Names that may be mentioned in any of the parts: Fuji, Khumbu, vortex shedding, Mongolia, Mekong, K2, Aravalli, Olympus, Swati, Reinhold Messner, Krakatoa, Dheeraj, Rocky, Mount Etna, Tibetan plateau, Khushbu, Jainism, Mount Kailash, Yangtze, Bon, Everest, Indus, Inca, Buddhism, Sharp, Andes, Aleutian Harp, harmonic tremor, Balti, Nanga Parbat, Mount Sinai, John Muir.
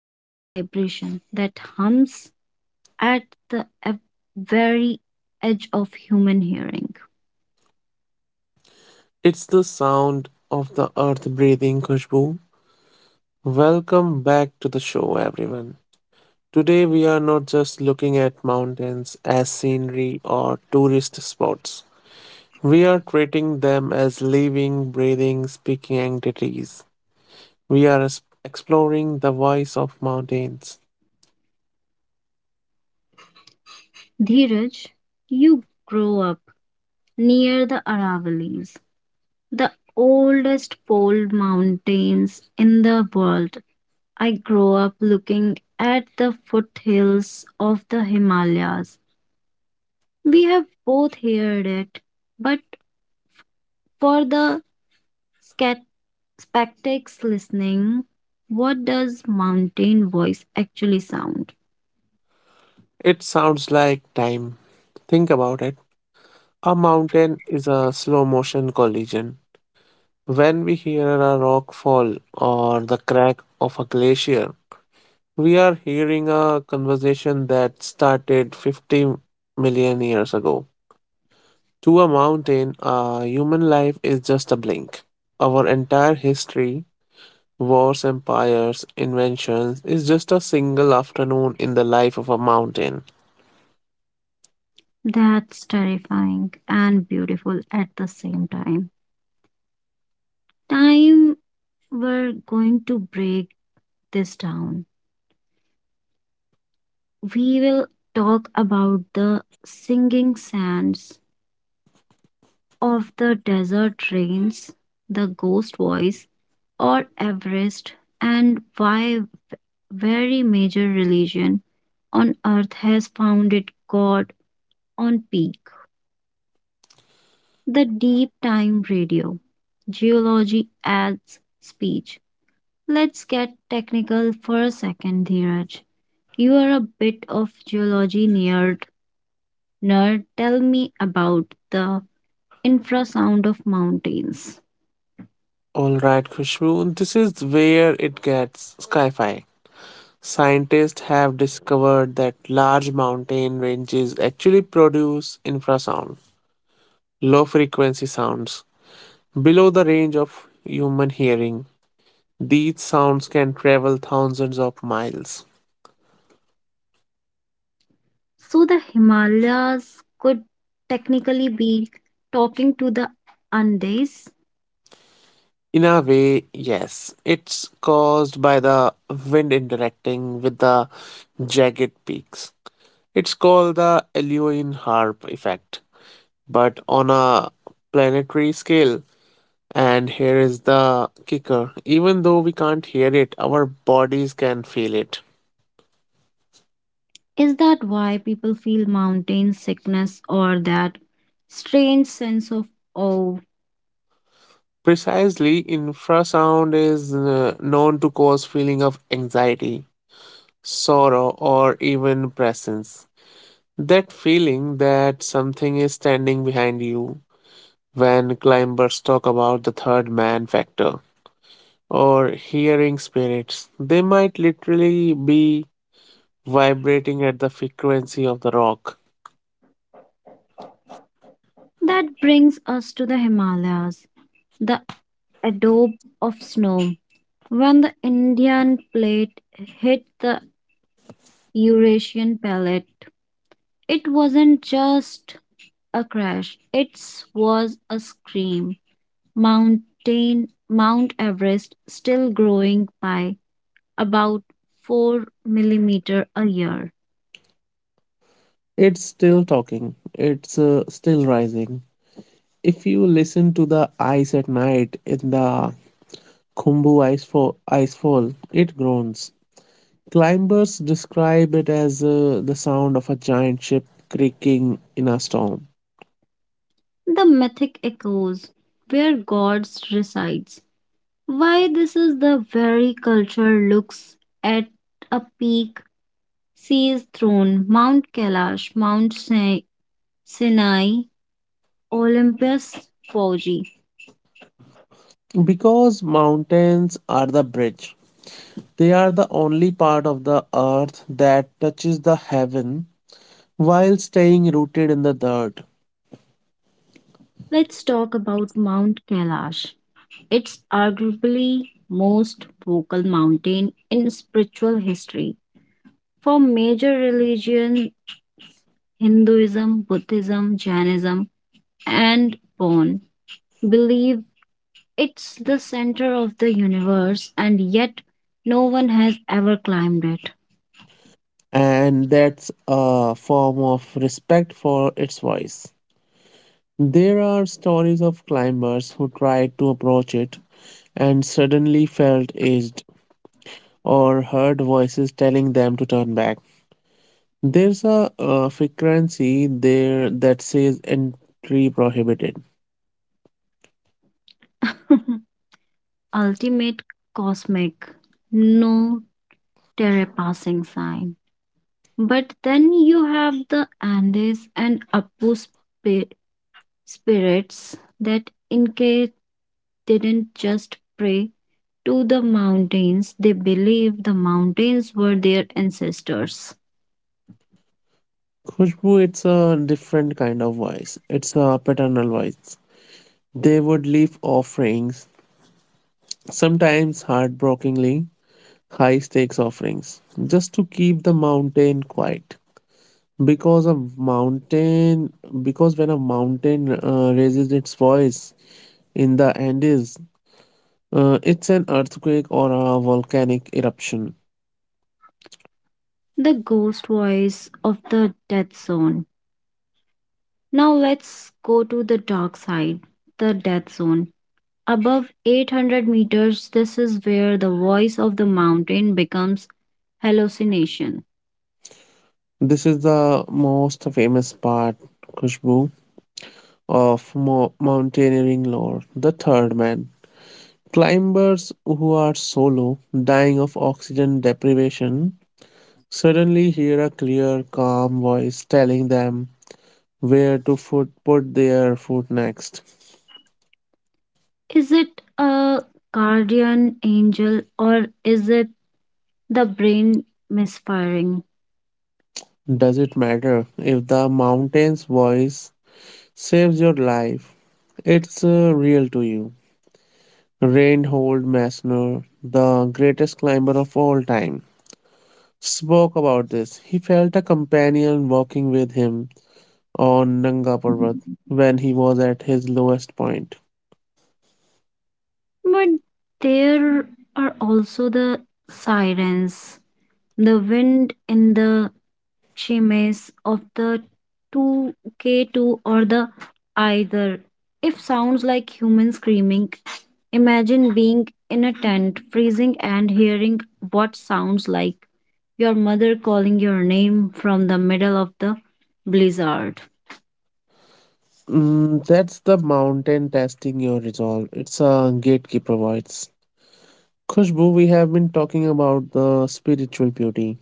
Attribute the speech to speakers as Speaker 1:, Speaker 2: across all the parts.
Speaker 1: it's a vibration that hums at the very edge of human hearing.
Speaker 2: It's the sound of the earth breathing, Khushbu. Welcome back to the show, everyone. Today, we are not just looking at mountains as scenery or tourist spots. We are treating them as living, breathing, speaking entities. We are exploring the voice of mountains.
Speaker 1: Dheeraj, you grow up near the Aravallis. The oldest pole mountains in the world. I grow up looking at the foothills of the Himalayas. We have both heard it, but for the scat- spectacs listening, what does mountain voice actually sound?
Speaker 2: It sounds like time. Think about it. A mountain is a slow motion collision. When we hear a rock fall or the crack of a glacier, we are hearing a conversation that started 50 million years ago. To a mountain, a human life is just a blink. Our entire history, wars, empires, inventions, is just a single afternoon in the life of a mountain.
Speaker 1: That's terrifying and beautiful at the same time. Time we're going to break this down. We will talk about the singing sands of the desert rains, the ghost voice, or Everest, and why very major religion on earth has found it God on peak. The deep time radio, geology adds speech. Let's get technical for a second, Dheeraj. You are a bit of geology nerd. Tell me about the infrasound of mountains.
Speaker 2: Alright, Khushbu, this is where it gets sci fi. Scientists have discovered that large mountain ranges actually produce infrasound, low frequency sounds, below the range of human hearing. These sounds can travel thousands of miles.
Speaker 1: So the Himalayas could technically be talking to the Andes.
Speaker 2: In a way, yes, it's caused by the wind interacting with the jagged peaks. It's called the Aleutian Harp effect, but on a planetary scale. And here is the kicker, even though we can't hear it, our bodies can feel it.
Speaker 1: Is that why people feel mountain sickness or that strange sense of awe?
Speaker 2: Precisely, infrasound is known to cause feeling of anxiety, sorrow, or even presence. That feeling that something is standing behind you when climbers talk about the third man factor or hearing spirits. They might literally be vibrating at the frequency of the rock.
Speaker 1: That brings us to the Himalayas, the adobe of snow. When the Indian plate hit the Eurasian palate, it wasn't just a crash, it was a scream. Mount Everest still growing by about 4 millimeter a year.
Speaker 2: It's still talking. It's still rising. If you listen to the ice at night in the Khumbu icefall, it groans. Climbers describe it as the sound of a giant ship creaking in a storm.
Speaker 1: The mythic echoes where gods resides. Why this is the very culture looks at a peak sees throne, Mount Kailash, Mount Sinai, Olympus, Fuji.
Speaker 2: Because mountains are the bridge, they are the only part of the earth that touches the heaven while staying rooted in the dirt.
Speaker 1: Let's talk about Mount Kailash. It's arguably most vocal mountain in spiritual history. For major religion, Hinduism, Buddhism, Jainism, and Bon believe it's the center of the universe and yet no one has ever climbed it.
Speaker 2: And that's a form of respect for its voice. There are stories of climbers who tried to approach it and suddenly felt aged or heard voices telling them to turn back. There's a frequency there that says entry prohibited.
Speaker 1: Ultimate cosmic, no terra passing sign. But then you have the Andes and Apu spirits that Inca didn't just pray to the mountains, they believed the mountains were their ancestors.
Speaker 2: Khushbu, it's a different kind of voice. It's a paternal voice. They would leave offerings, sometimes heartbreakingly high stakes offerings, just to keep the mountain quiet. Because a mountain, because when a mountain raises its voice in the Andes, it's an earthquake or a volcanic eruption.
Speaker 1: The ghost voice of the death zone. Now let's go to the dark side, the death zone. Above 800 meters, this is where the voice of the mountain becomes hallucination.
Speaker 2: This is the most famous part, Khushbu, of mountaineering lore. The third man. Climbers who are solo, dying of oxygen deprivation, suddenly hear a clear, calm voice telling them put their foot next.
Speaker 1: Is it a guardian angel or is it the brain misfiring?
Speaker 2: Does it matter if the mountain's voice saves your life? It's real to you. Reinhold Messner, the greatest climber of all time, spoke about this. He felt a companion walking with him on Nanga Parbat when he was at his lowest point.
Speaker 1: But there are also the sirens, the wind in the chimes of the 2K2 or the either. If sounds like human screaming, imagine being in a tent, freezing and hearing what sounds like your mother calling your name from the middle of the blizzard.
Speaker 2: Mm, that's the mountain testing your resolve. It's a gatekeeper voice. Khushbu, we have been talking about the spiritual beauty,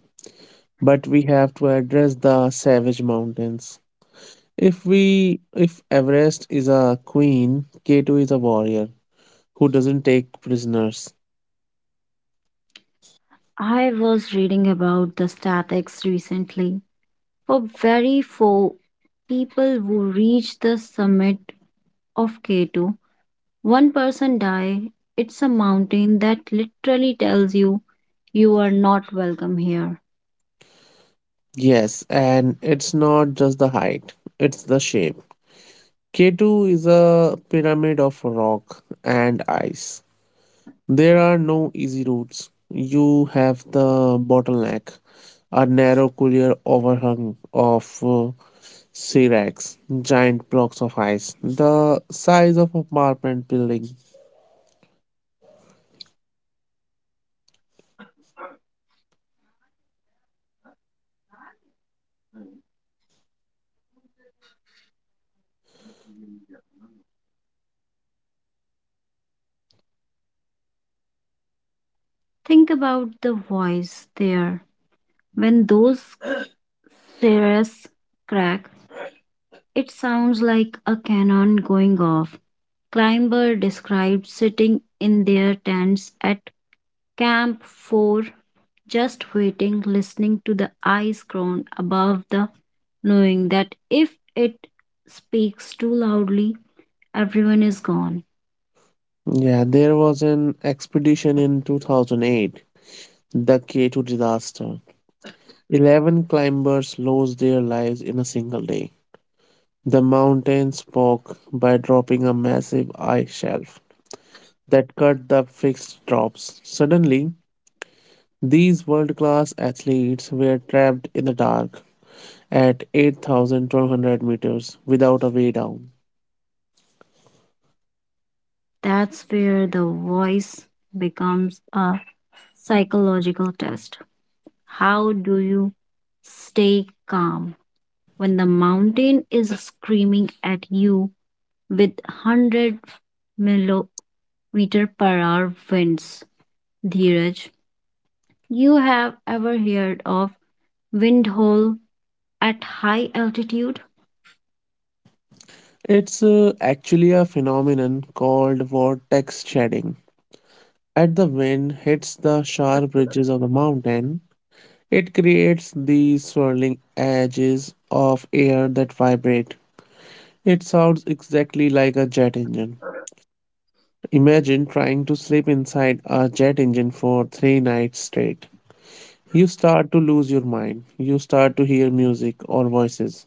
Speaker 2: but we have to address the savage mountains. If Everest is a queen, K2 is a warrior who doesn't take prisoners.
Speaker 1: I was reading about the statics recently for very few people who reach the summit of K2. One person die. It's a mountain that literally tells you you are not welcome here.
Speaker 2: Yes, and it's not just the height, it's the shape. K2 is a pyramid of rock and ice. There are no easy routes. You have the bottleneck, a narrow couloir overhung of Siracs, giant blocks of ice, the size of apartment building.
Speaker 1: Think about the voice there. When those stairs crack, it sounds like a cannon going off. Climber described sitting in their tents at Camp 4 just waiting, listening to the eyes groan above the knowing that if it speaks too loudly, everyone is gone.
Speaker 2: Yeah, there was an expedition in 2008, the K2 disaster. 11 climbers lost their lives in a single day. The mountain spoke by dropping a massive ice shelf that cut the fixed drops. Suddenly, these world-class athletes were trapped in the dark at 8,200 meters without a way down.
Speaker 1: That's where the voice becomes a psychological test. How do you stay calm when the mountain is screaming at you with 100 millimeter per hour winds? Dheeraj, you have ever heard of windhole at high altitude,
Speaker 2: It's actually a phenomenon called vortex shedding. As the wind hits the sharp ridges of the mountain, it creates these swirling edges of air that vibrate. It sounds exactly like a jet engine. Imagine trying to sleep inside a jet engine for three nights straight. You start to lose your mind. You start to hear music or voices,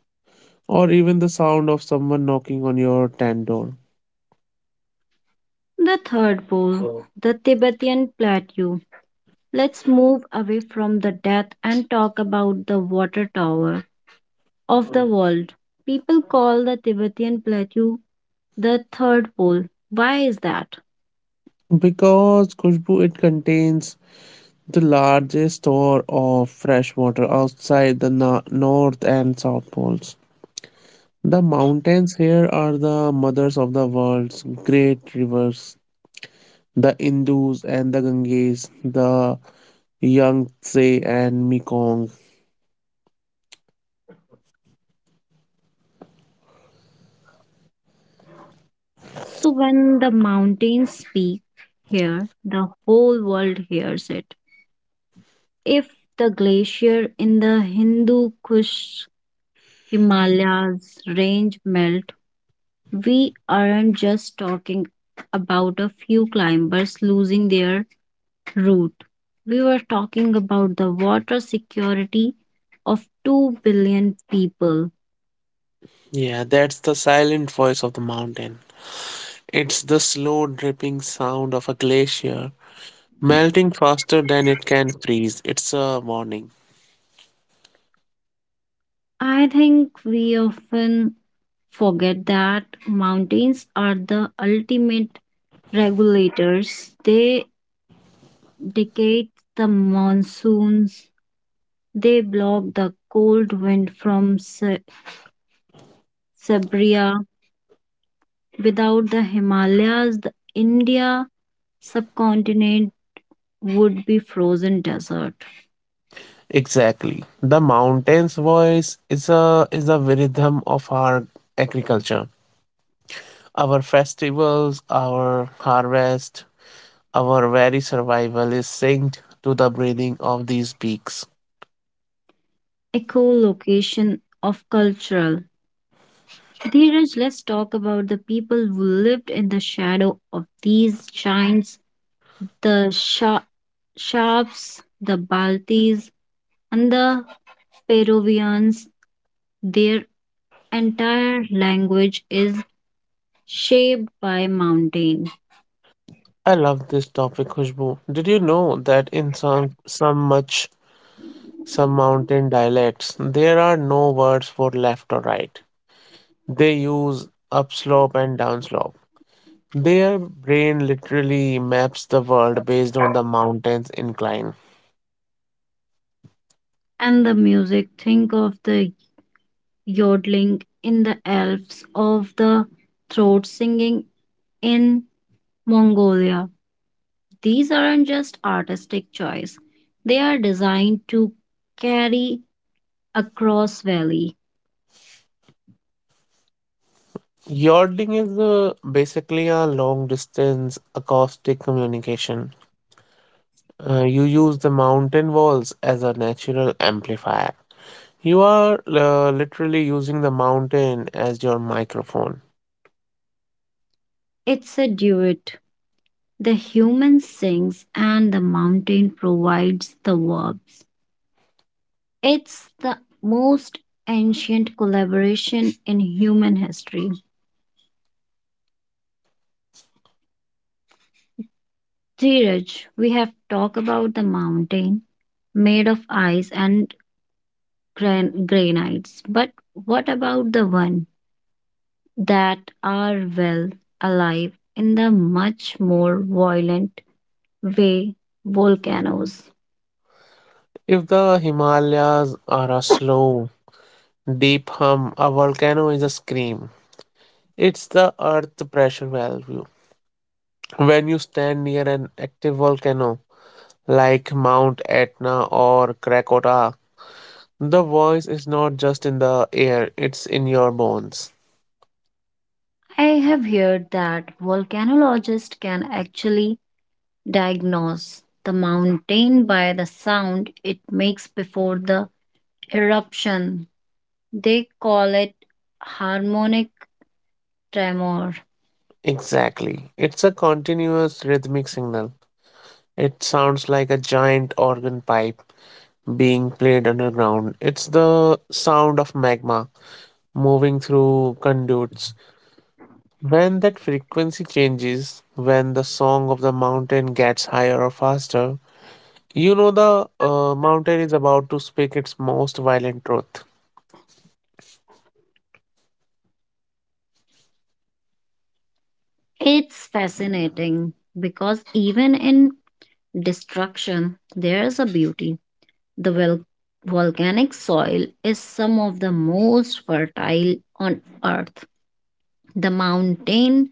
Speaker 2: or even the sound of someone knocking on your tent door.
Speaker 1: the third pole, oh, the Tibetan plateau. Let's move away from the death and talk about the water tower of the world. People call the Tibetan plateau the third pole. Why is that?
Speaker 2: Because, Khushbu, it contains the largest store of fresh water outside the North and South Poles. The mountains here are the mothers of the world's great rivers, the Indus and the Ganges, the Yangtze and Mekong.
Speaker 1: So, when the mountains speak here, the whole world hears it. If the glacier in the Hindu Kush Himalayas range melt, we aren't just talking about a few climbers losing their route. We were talking about the water security of 2 billion people.
Speaker 2: Yeah, that's the silent voice of the mountain. It's the slow dripping sound of a glacier, melting faster than it can freeze. It's a warning.
Speaker 1: I think we often forget that mountains are the ultimate regulators. They dictate the monsoons, they block the cold wind from Sabria. Without the Himalayas, the India subcontinent would be frozen desert,
Speaker 2: Exactly. The mountain's voice is the rhythm of our agriculture. Our festivals, our harvest, our very survival is synced to the breathing of these peaks.
Speaker 1: echolocation of cultural. Dheeraj, let's talk about the people who lived in the shadow of these giants, the Sharps, the Baltis, and the Peruvians. Their entire language is shaped by mountain.
Speaker 2: I love this topic, Khushbu. Did you know that in some mountain dialects there are no words for left or right? They use upslope and downslope. Their brain literally maps the world based on the mountain's incline.
Speaker 1: And the music, think of the yodeling in the elves of the throat singing in Mongolia. These aren't just artistic choice. They are designed to carry across valley.
Speaker 2: Yachting is basically a long distance acoustic communication. You use the mountain walls as a natural amplifier. You are literally using the mountain as your microphone.
Speaker 1: It's a duet. The human sings and the mountain provides the verbs. It's the most ancient collaboration in human history. Dheeraj, we have talked about the mountain made of ice and granites, but what about the one that are well alive in the much more violent way volcanoes?
Speaker 2: If the Himalayas are a slow, deep hum, a volcano is a scream. It's the earth pressure value. When you stand near an active volcano, like Mount Etna or Krakatoa. The voice is not just in the air, it's in your bones.
Speaker 1: I have heard that volcanologists can actually diagnose the mountain by the sound it makes before the eruption. They call it harmonic tremor.
Speaker 2: Exactly. It's a continuous rhythmic signal. It sounds like a giant organ pipe being played underground. It's the sound of magma moving through conduits. When that frequency changes, when the song of the mountain gets higher or faster, you know the mountain is about to speak its most violent truth.
Speaker 1: It's fascinating because even in destruction, there's a beauty. The volcanic soil is some of the most fertile on earth. The mountain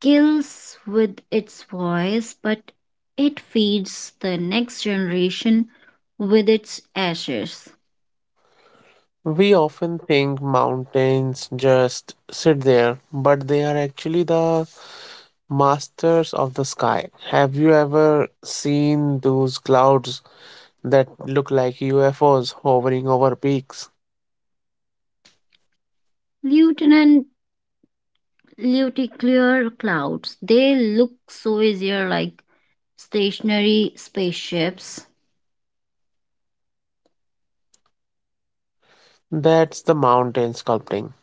Speaker 1: kills with its voice, but it feeds the next generation with its ashes.
Speaker 2: We often think mountains just sit there, but they are actually the masters of the sky. Have you ever seen those clouds that look like UFOs hovering over peaks?
Speaker 1: Lutein and luticular clouds, they look so easier like stationary spaceships.
Speaker 2: That's the mountain sculpting.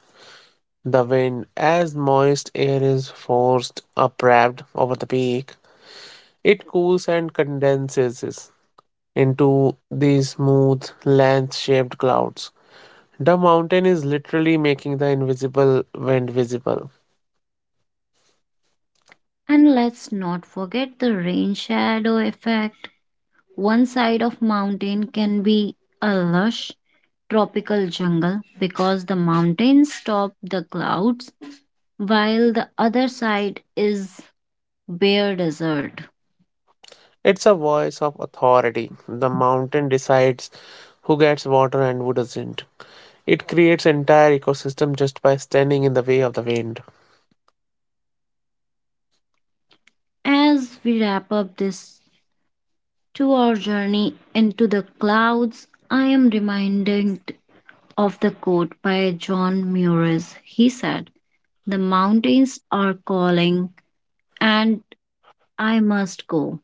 Speaker 2: The wind, as moist air is forced upward over the peak, it cools and condenses into these smooth, lens shaped clouds. The mountain is literally making the invisible wind visible.
Speaker 1: And let's not forget the rain shadow effect. One side of mountain can be a lush tropical jungle because the mountains stop the clouds while the other side is bare desert.
Speaker 2: It's a voice of authority. The mountain decides who gets water and who doesn't. It creates entire ecosystem just by standing in the way of the wind.
Speaker 1: As we wrap up this 2-hour journey into the clouds, I am reminded of the quote by John Muir. He said, "The mountains are calling and I must go."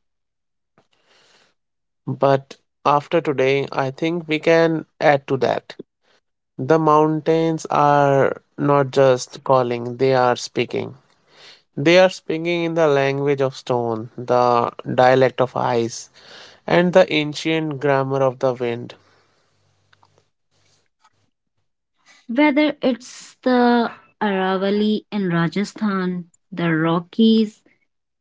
Speaker 2: But after today, I think we can add to that. The mountains are not just calling, they are speaking. They are speaking in the language of stone, the dialect of ice, and the ancient grammar of the wind.
Speaker 1: Whether it's the Aravali in Rajasthan, the Rockies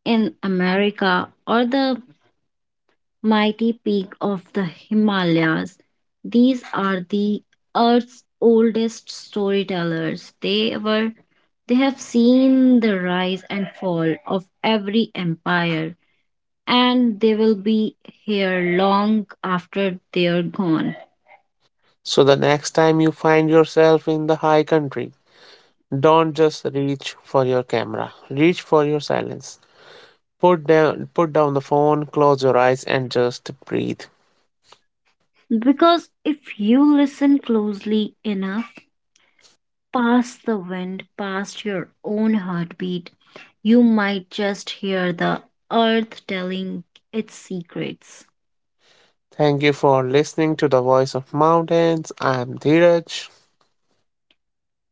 Speaker 1: in America, or the mighty peak of the Himalayas, these are the Earth's oldest storytellers. They have seen the rise and fall of every empire, and they will be here long after they are gone.
Speaker 2: So the next time you find yourself in the high country, don't just reach for your camera. Reach for your silence. Put down the phone, close your eyes and just breathe.
Speaker 1: Because if you listen closely enough, past the wind, past your own heartbeat. You might just hear the earth telling its secrets.
Speaker 2: Thank you for listening to the Voice of Mountains. I'm Dheeraj.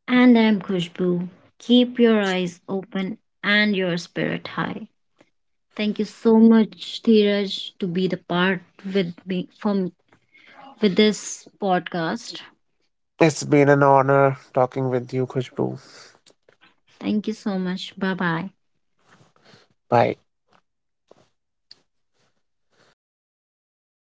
Speaker 1: And I'm Khushbu. Keep your eyes open and your spirit high. Thank you so much, Dheeraj, to be the part with me from with this podcast.
Speaker 2: It's been an honor talking with you, Khushbu.
Speaker 1: Thank you so much. Bye bye.
Speaker 2: Bye.